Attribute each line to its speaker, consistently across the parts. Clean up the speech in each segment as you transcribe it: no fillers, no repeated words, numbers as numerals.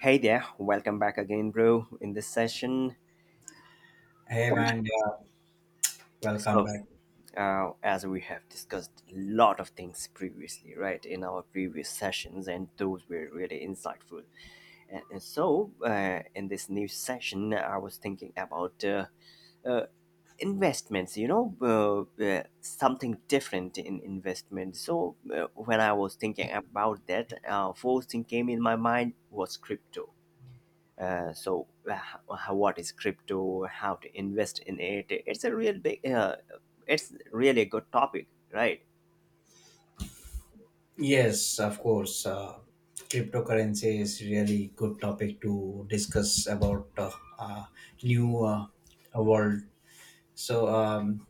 Speaker 1: Hey there, welcome back again, bro, in this session.
Speaker 2: Hey man, yeah, welcome
Speaker 1: So,
Speaker 2: back.
Speaker 1: as we have discussed a lot of things previously, right, in our previous sessions, and those were really insightful. In this new session, I was thinking about uh, investments, something different in investment. So, when I was thinking about that, first thing came in my mind was crypto. uh, so uh, what is crypto, how to invest in it? It's a real big it's really a good topic, right?
Speaker 2: Yes, of course. Cryptocurrency is really good topic to discuss about uh, new world. So um,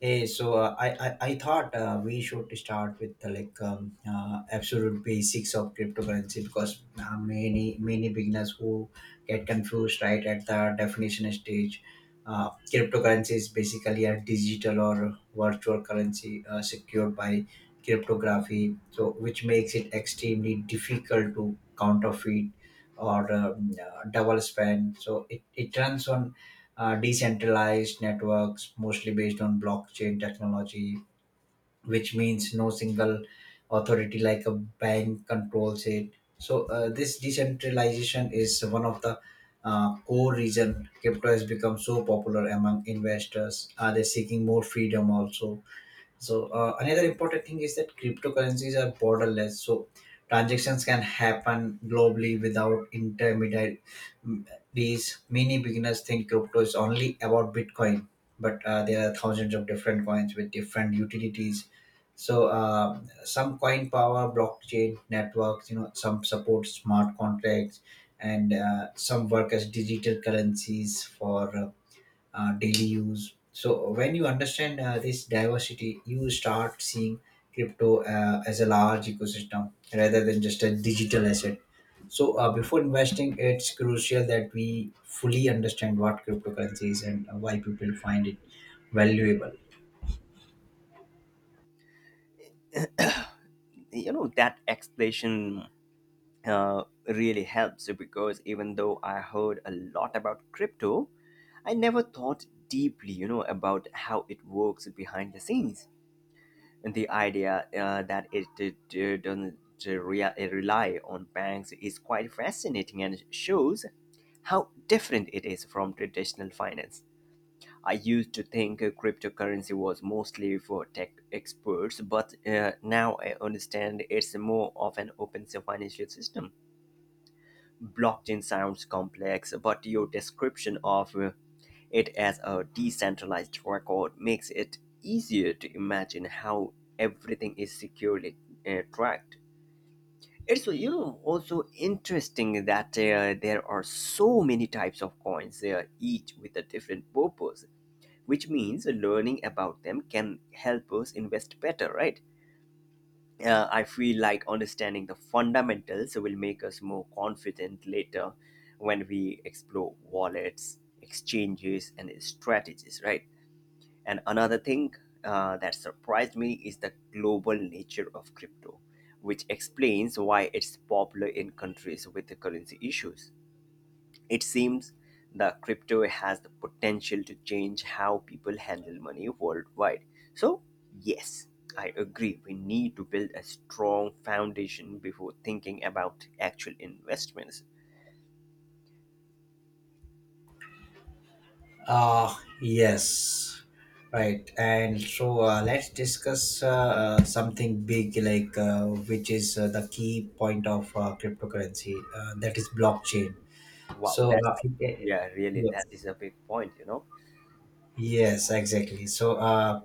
Speaker 2: Hey, so I thought we should start with the absolute basics of cryptocurrency because many beginners who get confused right at the definition stage. Cryptocurrency is basically a digital or virtual currency secured by cryptography, so which makes it extremely difficult to counterfeit or double spend. So it runs on decentralized networks, mostly based on blockchain technology, which means no single authority like a bank controls it. So this decentralization is one of the core reason crypto has become so popular among investors. Are they seeking more freedom also? So another important thing is that cryptocurrencies are borderless. So transactions can happen globally without intermediaries. Many beginners think crypto is only about Bitcoin, but there are thousands of different coins with different utilities. So some coin power blockchain networks. You know, some support smart contracts, and some work as digital currencies for daily use. So when you understand this diversity, you start seeing crypto as a large ecosystem rather than just a digital asset. So before investing, it's crucial that we fully understand what cryptocurrency is and why people find it valuable.
Speaker 1: You know, that explanation really helps because even though I heard a lot about crypto, I never thought deeply, you know, about how it works behind the scenes. And the idea that it doesn't rely on banks is quite fascinating, and shows how different it is from traditional finance. I used to think cryptocurrency was mostly for tech experts, but now I understand it's more of an open financial system. Blockchain sounds complex, but your description of it as a decentralized record makes it easier to imagine how everything is securely tracked. It's, you know, also interesting that there are so many types of coins, each with a different purpose, which means learning about them can help us invest better, right? I feel like understanding the fundamentals will make us more confident later when we explore wallets, exchanges, and strategies, right? And another thing that surprised me is the global nature of crypto, which explains why it's popular in countries with the currency issues. It seems the crypto has the potential to change how people handle money worldwide. So, yes, I agree. We need to build a strong foundation before thinking about actual investments.
Speaker 2: Uh, yes, right. And so let's discuss something big, which is the key point of cryptocurrency, that is blockchain.
Speaker 1: Wow,
Speaker 2: So
Speaker 1: that's yeah, really, that is
Speaker 2: yes,
Speaker 1: a big point, you know.
Speaker 2: yes, exactly. So, uh,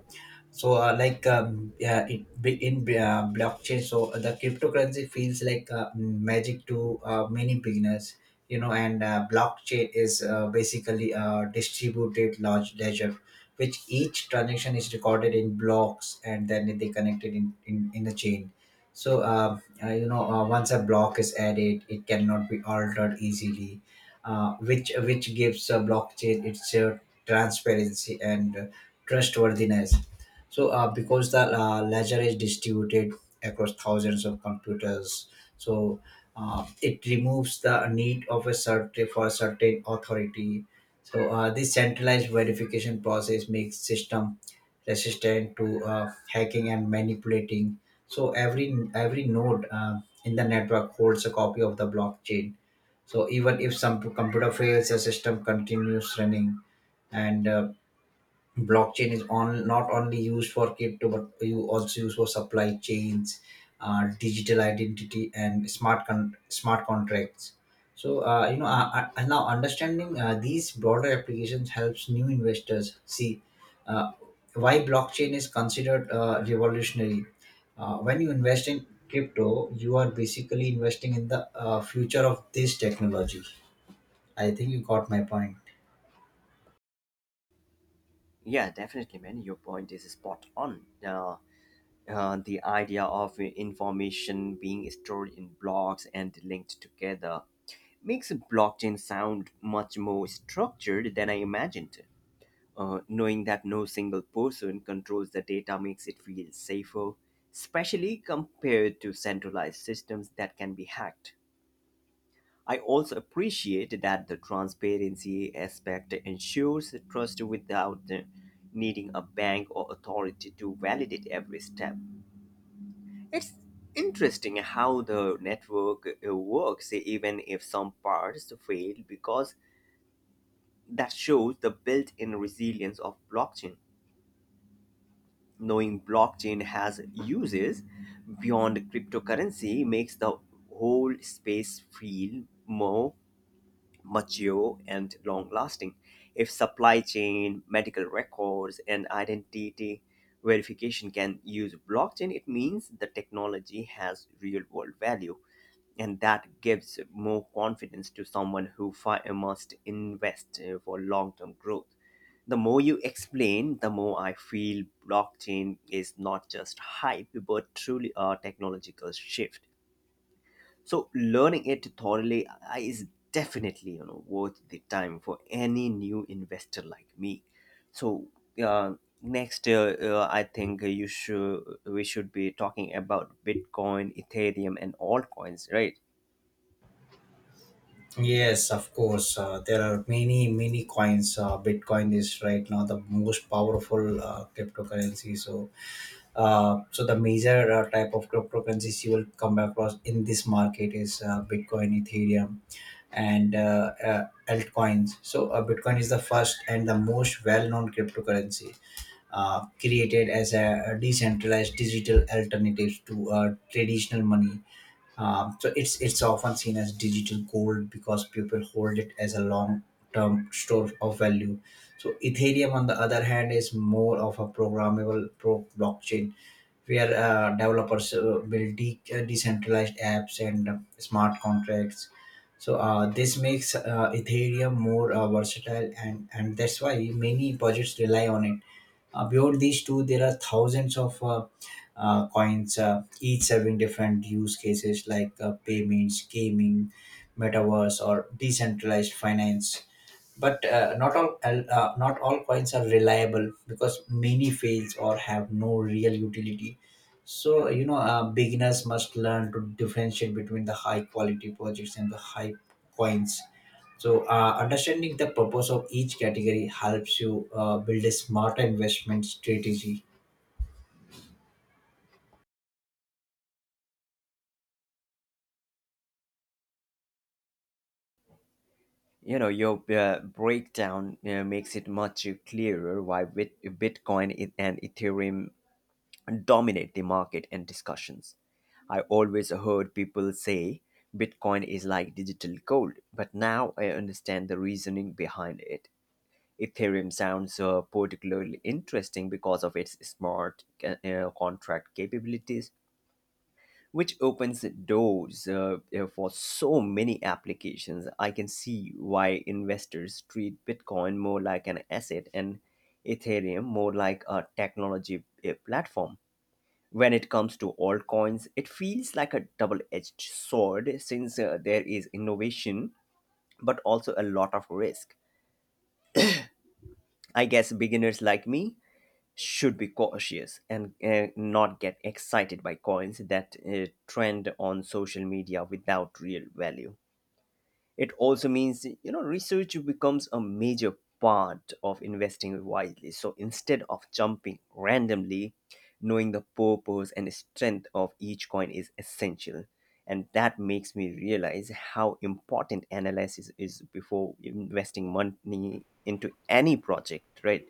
Speaker 2: so uh, like um, Yeah, it, be- in blockchain, so the cryptocurrency feels like magic to many beginners, you know. And blockchain is basically a distributed large ledger, which each transaction is recorded in blocks and then they connected in a chain. So, you know, once a block is added, it cannot be altered easily. Which gives blockchain its transparency and trustworthiness. So, because the ledger is distributed across thousands of computers, so it removes the need of a certain for a certain authority. So, this centralized verification process makes system resistant to hacking and manipulating. So, every node in the network holds a copy of the blockchain. So, even if some computer fails, the system continues running and blockchain is on not only used for crypto but you also use for supply chains, digital identity and smart contracts. So now understanding these broader applications helps new investors see uh, why blockchain is considered revolutionary. When you invest in crypto you are basically investing in the future of this technology. I think you got my point.
Speaker 1: Yeah, definitely, man. Your point is spot on. The idea of information being stored in blocks and linked together makes blockchain sound much more structured than I imagined. Knowing that no single person controls the data makes it feel safer, especially compared to centralized systems that can be hacked. I also appreciate that the transparency aspect ensures trust without needing a bank or authority to validate every step. It's interesting how the network works, eh, even if some parts fail, because that shows the built in resilience of blockchain. Knowing blockchain has uses beyond cryptocurrency makes the whole space feel more mature and long lasting. If supply chain, medical records, and identity verification can use blockchain, it means the technology has real world value. And that gives more confidence to someone who must invest for long term growth. The more you explain, the more I feel blockchain is not just hype, but truly a technological shift, so learning it thoroughly is definitely, you know, worth the time for any new investor like me. So uh, next, I think you should we should be talking about Bitcoin, Ethereum, and altcoins, right?
Speaker 2: Yes, of course. There are many coins. Bitcoin is right now the most powerful cryptocurrency. So, so the major type of cryptocurrencies you will come across in this market is Bitcoin, Ethereum, and altcoins. So, Bitcoin is the first and the most well-known cryptocurrency. Created as a decentralized digital alternative to traditional money. So it's often seen as digital gold because people hold it as a long term store of value. So Ethereum, on the other hand, is more of a programmable pro blockchain where developers build decentralized apps and smart contracts. So this makes Ethereum more versatile, and that's why many projects rely on it. Beyond these two, there are thousands of coins, each serving different use cases like payments, gaming, metaverse, or decentralized finance. But not all coins are reliable because many fails or have no real utility. So you know, beginners must learn to differentiate between the high quality projects and the high coins. So understanding the purpose of each category helps you build a smarter investment strategy.
Speaker 1: You know, your breakdown makes it much clearer why Bitcoin and Ethereum dominate the market and discussions. I always heard people say Bitcoin is like digital gold, but now I understand the reasoning behind it. Ethereum sounds particularly interesting because of its smart contract capabilities, which opens doors for so many applications. I can see why investors treat Bitcoin more like an asset and Ethereum more like a technology platform. When it comes to altcoins, it feels like a double edged sword, since there is innovation but also a lot of risk. I guess beginners like me should be cautious and not get excited by coins that trend on social media without real value. It also means, you know, research becomes a major part of investing wisely. So instead of jumping randomly, knowing the purpose and strength of each coin is essential. And that makes me realize how important analysis is before investing money into any project, right?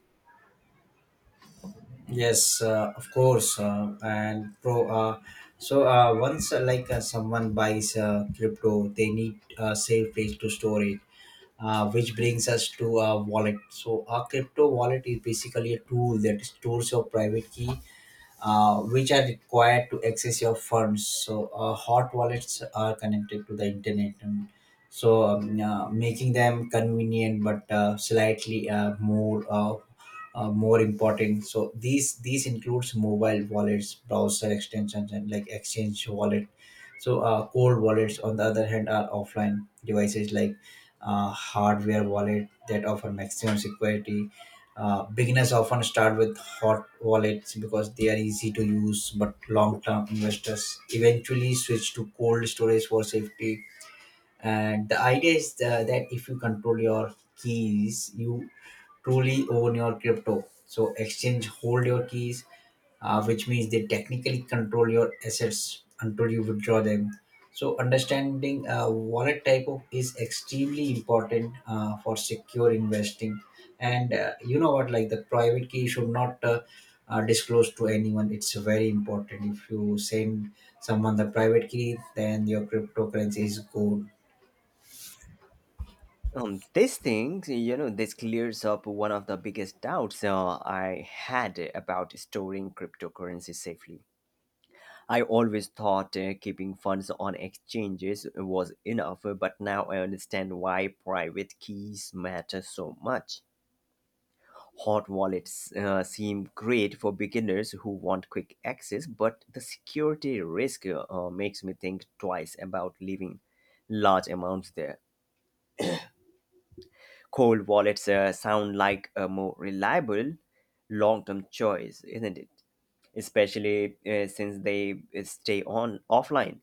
Speaker 2: Yes, of course, and pro. Once someone buys crypto, they need a safe place to store it, which brings us to a wallet. So a crypto wallet is basically a tool that stores your private key, which are required to access your funds. So hot wallets are connected to the internet, and making them convenient but slightly more important. So these includes mobile wallets, browser extensions and like exchange wallet. So cold wallets, on the other hand, are offline devices like hardware wallet that offer maximum security. Beginners often start with hot wallets because they are easy to use, but long-term investors eventually switch to cold storage for safety. And the idea is that if you control your keys you truly own your crypto. So exchange hold your keys, which means they technically control your assets until you withdraw them. So understanding wallet type of is extremely important for secure investing. And you know what, like the private key should not disclosed to anyone. It's very important. If you send someone the private key then your cryptocurrency is gone.
Speaker 1: This thing, you know, this clears up one of the biggest doubts I had about storing cryptocurrency safely. I always thought keeping funds on exchanges was enough, but now I understand why private keys matter so much. Hot wallets seem great for beginners who want quick access, but the security risk makes me think twice about leaving large amounts there. Cold wallets sound like a more reliable long term choice, isn't it? Especially since they stay on offline.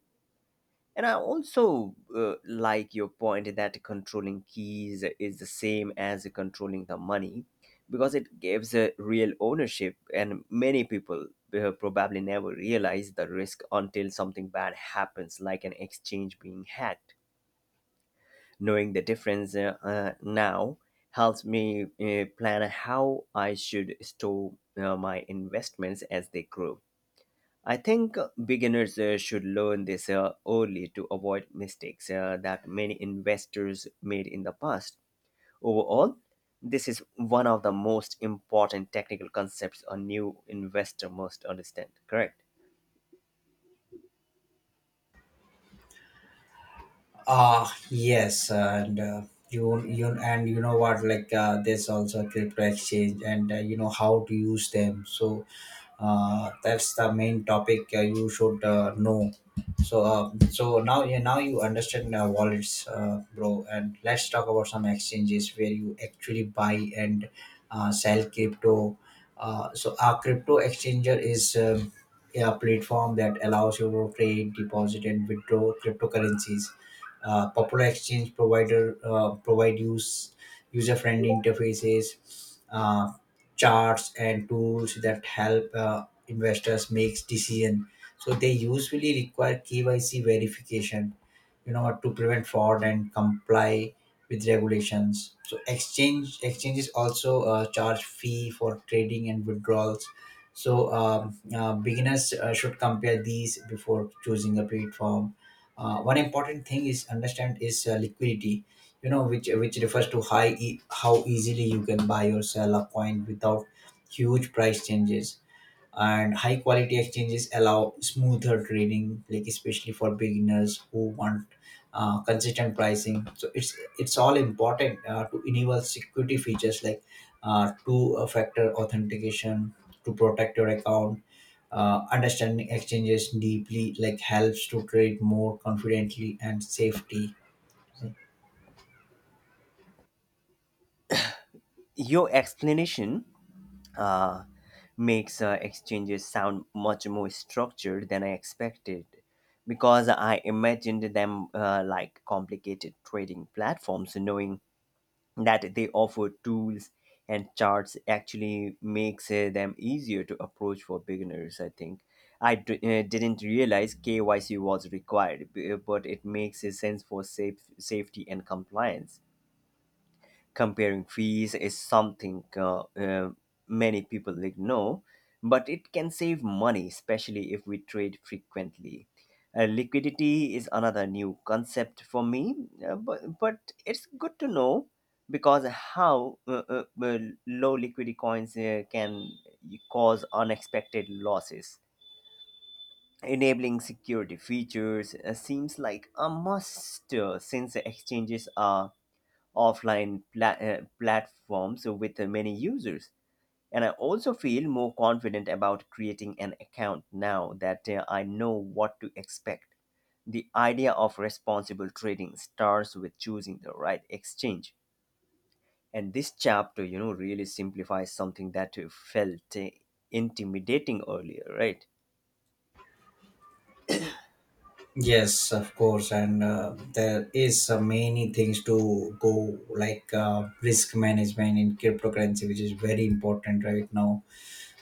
Speaker 1: And I also like your point that controlling keys is the same as controlling the money, because it gives a real ownership, and many people probably never realize the risk until something bad happens, like an exchange being hacked. Knowing the difference, now helps me plan how I should store my investments as they grow. I think beginners should learn this early to avoid mistakes that many investors made in the past. Overall, this is one of the most important technical concepts a new investor must understand. Correct.
Speaker 2: Ah, yes, and you you and you know what? There's also crypto exchange, and you know how to use them. So that's the main topic you should know. So so now yeah, now you understand wallets, bro. And let's talk about some exchanges where you actually buy and sell crypto. So a crypto exchanger is. A platform that allows you to trade, deposit, and withdraw cryptocurrencies. Popular exchange provider provide user-friendly interfaces, charts, and tools that help investors make decision. So they usually require KYC verification, you know, to prevent fraud and comply with regulations. So exchanges also charge fee for trading and withdrawals. So beginners should compare these before choosing a platform. One important thing is understand is liquidity. You know, which refers to how easily you can buy or sell a coin without huge price changes. And high quality exchanges allow smoother trading, like especially for beginners who want consistent pricing. So it's all important to enable security features like two factor authentication to protect your account. Understanding exchanges deeply like helps to trade more confidently and safety.
Speaker 1: Your explanation uh, makes exchanges sound much more structured than I expected, because I imagined them like complicated trading platforms. Knowing that they offer tools and charts actually makes them easier to approach for beginners, I think. Didn't realize KYC was required, but it makes a sense for safety and compliance. Comparing fees is something many people ignore, but it can save money, especially if we trade frequently. Liquidity is another new concept for me, but it's good to know, because how low liquidity coins can cause unexpected losses. Enabling security features seems like a must since exchanges are offline platforms with many users. And I also feel more confident about creating an account now that I know what to expect. The idea of responsible trading starts with choosing the right exchange. And this chapter, you know, really simplifies something that felt intimidating earlier, right?
Speaker 2: Yes, of course, and there is many things to go like risk management in cryptocurrency, which is very important right now.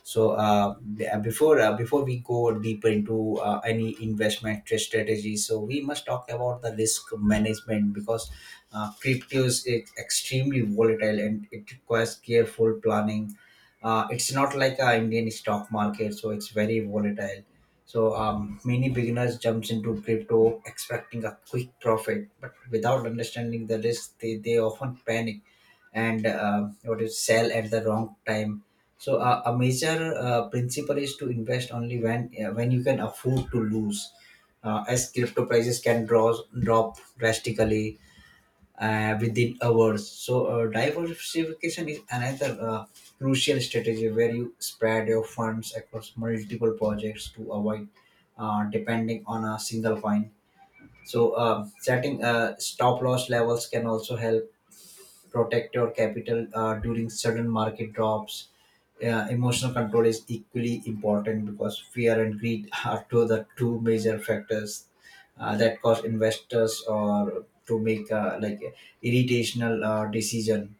Speaker 2: So before we go deeper into any investment strategy, so we must talk about the risk management because cryptos is extremely volatile and it requires careful planning. It's not like a Indian stock market, so it's very volatile. Many beginners jumps into crypto expecting a quick profit, but without understanding the risk, they often panic and what is sell at the wrong time. So a major principle is to invest only when you can afford to lose, as crypto prices can drop drastically within hours. So diversification is another crucial strategy where you spread your funds across multiple projects to avoid depending on a single coin. So setting stop loss levels can also help protect your capital during sudden market drops. Emotional control is equally important because fear and greed are two of the two major factors that cause investors or to make irritational decision.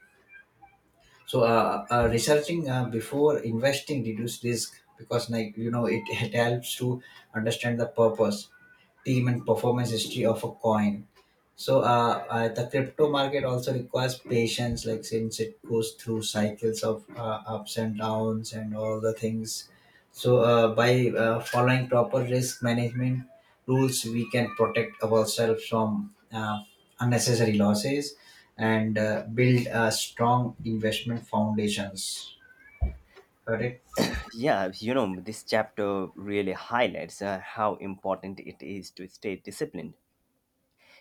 Speaker 2: So researching before investing reduce risk because like you know it helps to understand the purpose, team and performance history of a coin. So the crypto market also requires patience, like since it goes through cycles of ups and downs and all the things. So by following proper risk management rules, we can protect ourselves from unnecessary losses and build a strong investment foundations. Correct.
Speaker 1: Yeah, you know, this chapter really highlights how important it is to stay disciplined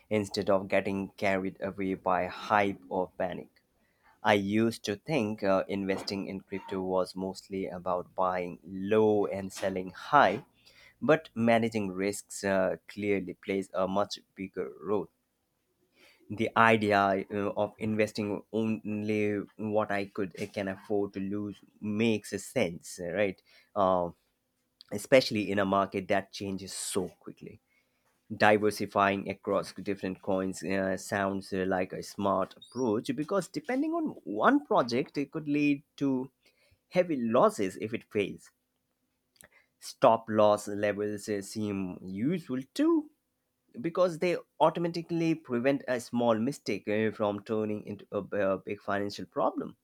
Speaker 1: instead of getting carried away by hype or panic. I used to think investing in crypto was mostly about buying low and selling high, but managing risks clearly plays a much bigger role. The idea of investing only what I can afford to lose makes a sense, right? Um, Especially in a market that changes so quickly, diversifying across different coins sounds like a smart approach, because depending on one project it could lead to heavy losses if it fails. Stop loss levels seem useful too, because they automatically prevent a small mistake from turning into a big financial problem.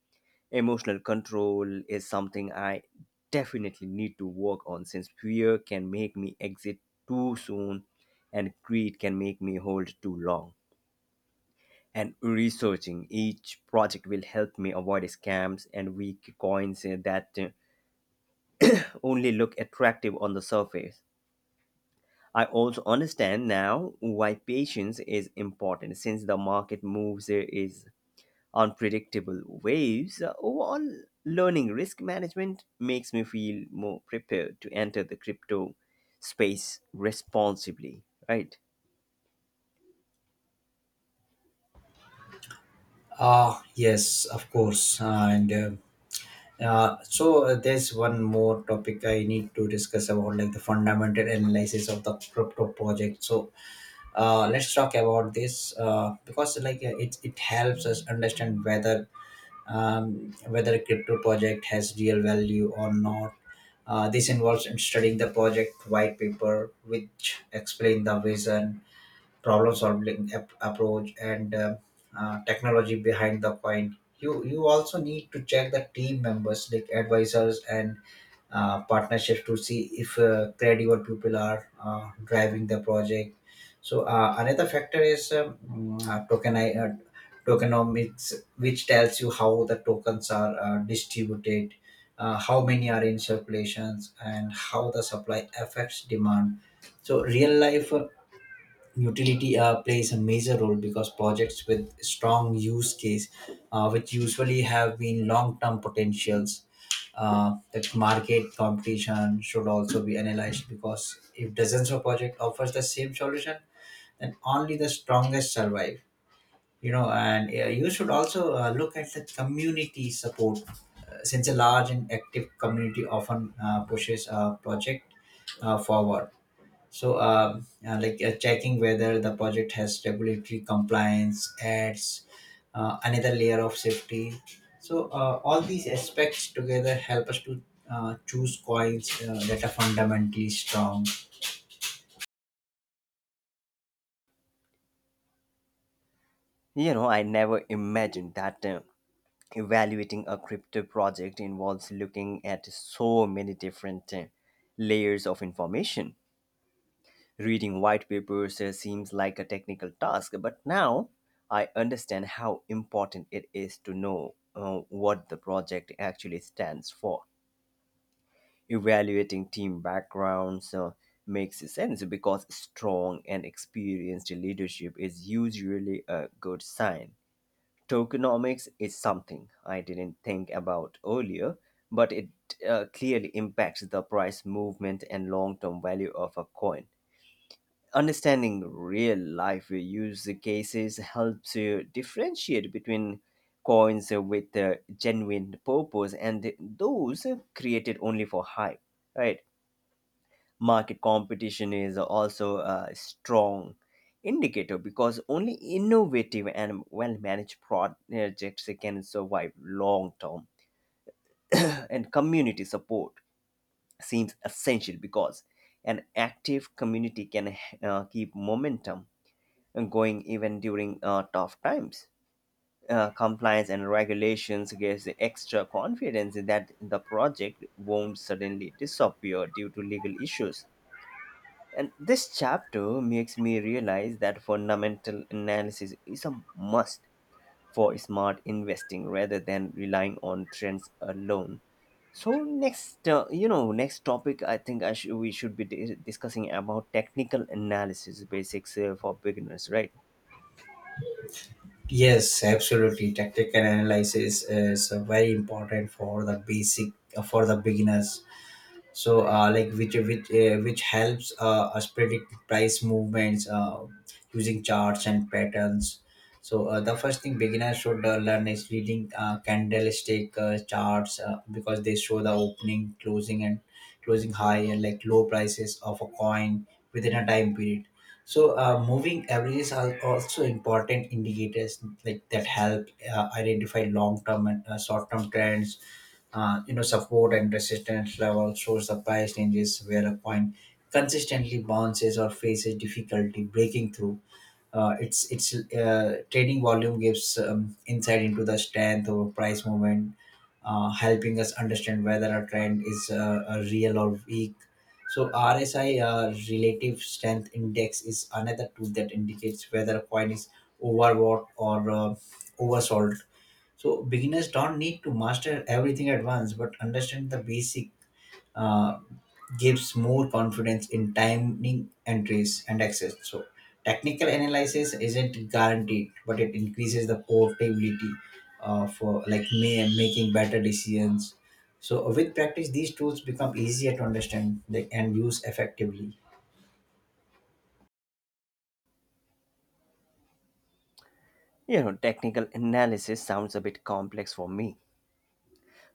Speaker 1: Emotional control is something I definitely need to work on, since fear can make me exit too soon and greed can make me hold too long. And researching each project will help me avoid scams and weak coins that only look attractive on the surface. I also understand now why patience is important, since the market moves is unpredictable waves. Overall, learning risk management makes me feel more prepared to enter the crypto space responsibly, right?
Speaker 2: Ah, yes, of course. And so There's one more topic I need to discuss about, like the fundamental analysis of the crypto project. So let's talk about this because, like, it helps us understand whether whether a crypto project has real value or not. This involves in studying the project white paper, which explain the vision, problem solving approach and technology behind the coin. You also need to check the team members like advisors and partnerships to see if credible people are driving the project. Another factor is token, tokenomics, which tells you how the tokens are distributed, how many are in circulations and how the supply affects demand. Real life utility plays a major role because projects with strong use case which usually have been long-term potentials. The market competition should also be analyzed because if dozens of project offers the same solution, then only the strongest survive, and you should also look at the community support, since a large and active community often pushes a project forward. Like, checking whether the project has regulatory compliance adds another layer of safety. So, all these aspects together help us to choose coins that are fundamentally strong.
Speaker 1: You know, I never imagined that evaluating a crypto project involves looking at so many different layers of information. Reading white papers seems like a technical task, but now I understand how important it is to know what the project actually stands for. Evaluating team backgrounds makes sense because strong and experienced leadership is usually a good sign. Tokenomics is something I didn't think about earlier, but it clearly impacts the price movement and long term value of a coin. Understanding real life use cases helps you differentiate between coins with a genuine purpose and those created only for hype, right? Market competition is also a strong indicator, because only innovative and well managed projects can survive long term. And community support seems essential, because an active community can keep momentum going even during tough times. Compliance and regulations gives extra confidence that the project won't suddenly disappear due to legal issues. And this chapter makes me realize that fundamental analysis is a must for smart investing rather than relying on trends alone. So next, you know, next topic, I think I should we should be discussing about technical analysis basics for beginners, right?
Speaker 2: Yes, absolutely. Tactical analysis is very important for the basic, for the beginners, like which helps us predict price movements using charts and patterns. The first thing beginners should learn is reading candlestick charts because they show the opening, closing and closing high and like low prices of a coin within a time period. Moving averages are also important indicators like that help identify long-term and short-term trends. Support and resistance level shows the price ranges where a coin consistently bounces or faces difficulty breaking through. Its trading volume gives insight into the strength or price movement, helping us understand whether a trend is a real or weak. So RSI, relative strength index, is another tool that indicates whether a coin is overbought or oversold. So beginners don't need to master everything at once, but understand the basic uh, gives more confidence in timing entries and access. So technical analysis isn't guaranteed, but it increases the portability for like making better decisions. So with practice, these tools become easier to understand, like, and use effectively.
Speaker 1: You know, technical analysis sounds a bit complex for me,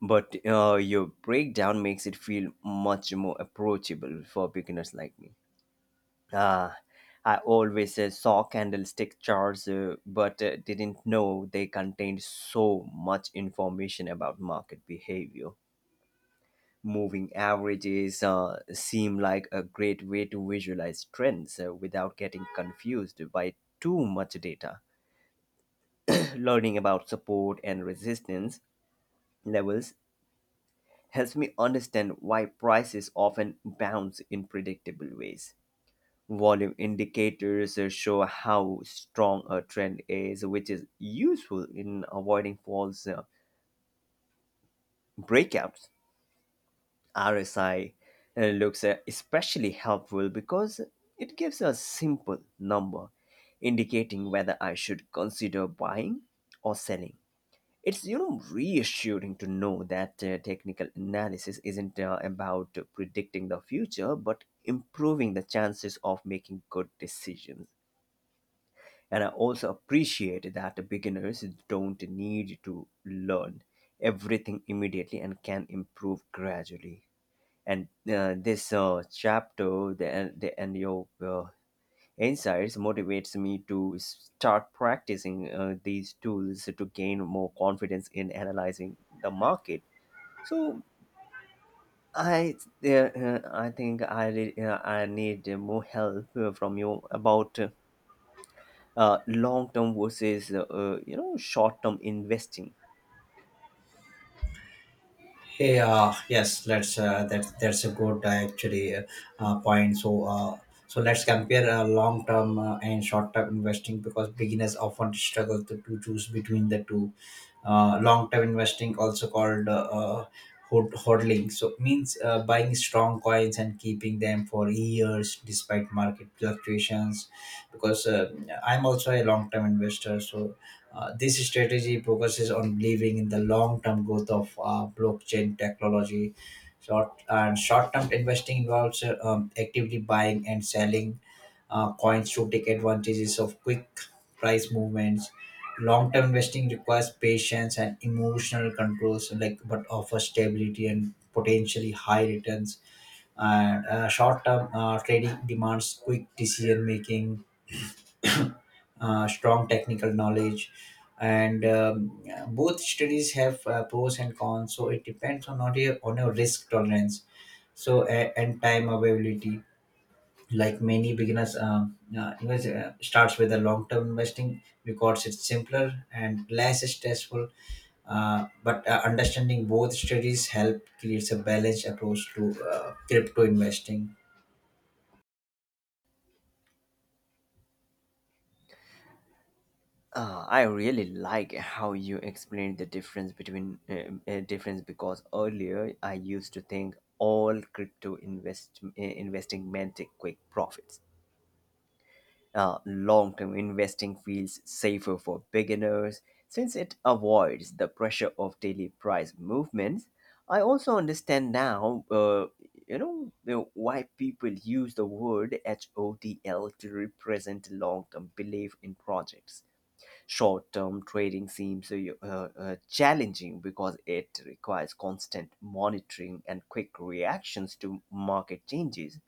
Speaker 1: but your breakdown makes it feel much more approachable for beginners like me. uh, I always saw candlestick charts, but didn't know they contained so much information about market behavior. Moving averages seem like a great way to visualize trends without getting confused by too much data. Learning about support and resistance levels helps me understand why prices often bounce in predictable ways. Volume indicators show how strong a trend is, which is useful in avoiding false breakouts. RSI looks especially helpful, because it gives a simple number indicating whether I should consider buying or selling. It's, you know, reassuring to know that technical analysis isn't about predicting the future, but improving the chances of making good decisions. And I also appreciate that beginners don't need to learn everything immediately and can improve gradually. And this chapter, and your insights motivates me to start practicing these tools to gain more confidence in analyzing the market. So I I think I need more help from you about long term versus you know short term investing.
Speaker 2: Hey, yes, let's. That's a good, actually point. So let's compare long-term and short-term investing because beginners often struggle to choose between the two. Long-term investing, also called hodling, so means buying strong coins and keeping them for years despite market fluctuations. Because I'm also a long-term investor, so this strategy focuses on believing in the long-term growth of blockchain technology. Short-term investing involves actively buying and selling coins to take advantages of quick price movements. Long-term investing requires patience and emotional controls, like, but offers stability and potentially high returns. And short-term trading demands quick decision making, strong technical knowledge, and both studies have pros and cons. So it depends on not your, on your risk tolerance and time availability. Like, many beginners starts with a long term investing because it's simpler and less stressful. But understanding both studies help creates a balanced approach to crypto investing.
Speaker 1: I really like how you explained the difference, because earlier I used to think all crypto investing meant quick profits. Long term investing feels safer for beginners, since it avoids the pressure of daily price movements. I also understand now, why people use the word HODL to represent long term belief in projects. Short-term trading seems challenging, because it requires constant monitoring and quick reactions to market changes.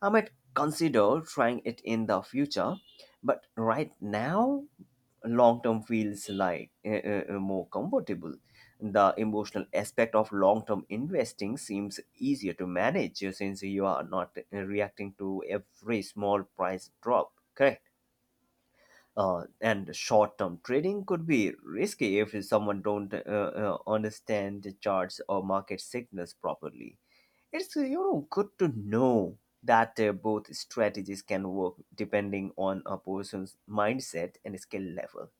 Speaker 1: I might consider trying it in the future, but right now, long term feels like more comfortable. The emotional aspect of long term investing seems easier to manage since you are not reacting to every small price drop. Correct. And short-term trading could be risky if someone don't understand the charts or market signals properly. It's, you know, good to know that both strategies can work depending on a person's mindset and skill level.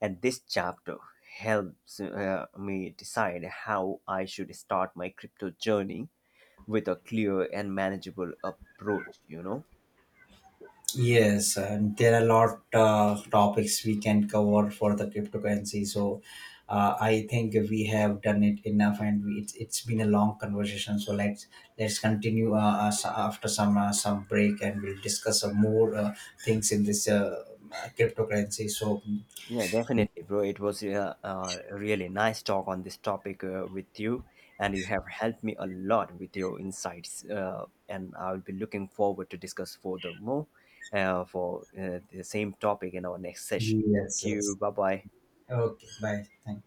Speaker 1: And this chapter helps me decide how I should start my crypto journey with a clear and manageable approach, you know.
Speaker 2: Yes, and there are a lot topics we can cover for the cryptocurrency. So, I think we have done it enough, and we, it's been a long conversation. So let's continue us after some, some break, and we'll discuss some more things in this cryptocurrency. So,
Speaker 1: Yeah, definitely, bro. It was a really nice talk on this topic with you, and you have helped me a lot with your insights. And I'll be looking forward to discuss further more for the same topic in our next session. Thank
Speaker 2: yes,
Speaker 1: you.
Speaker 2: yes.
Speaker 1: Bye bye.
Speaker 2: Okay, bye. Thank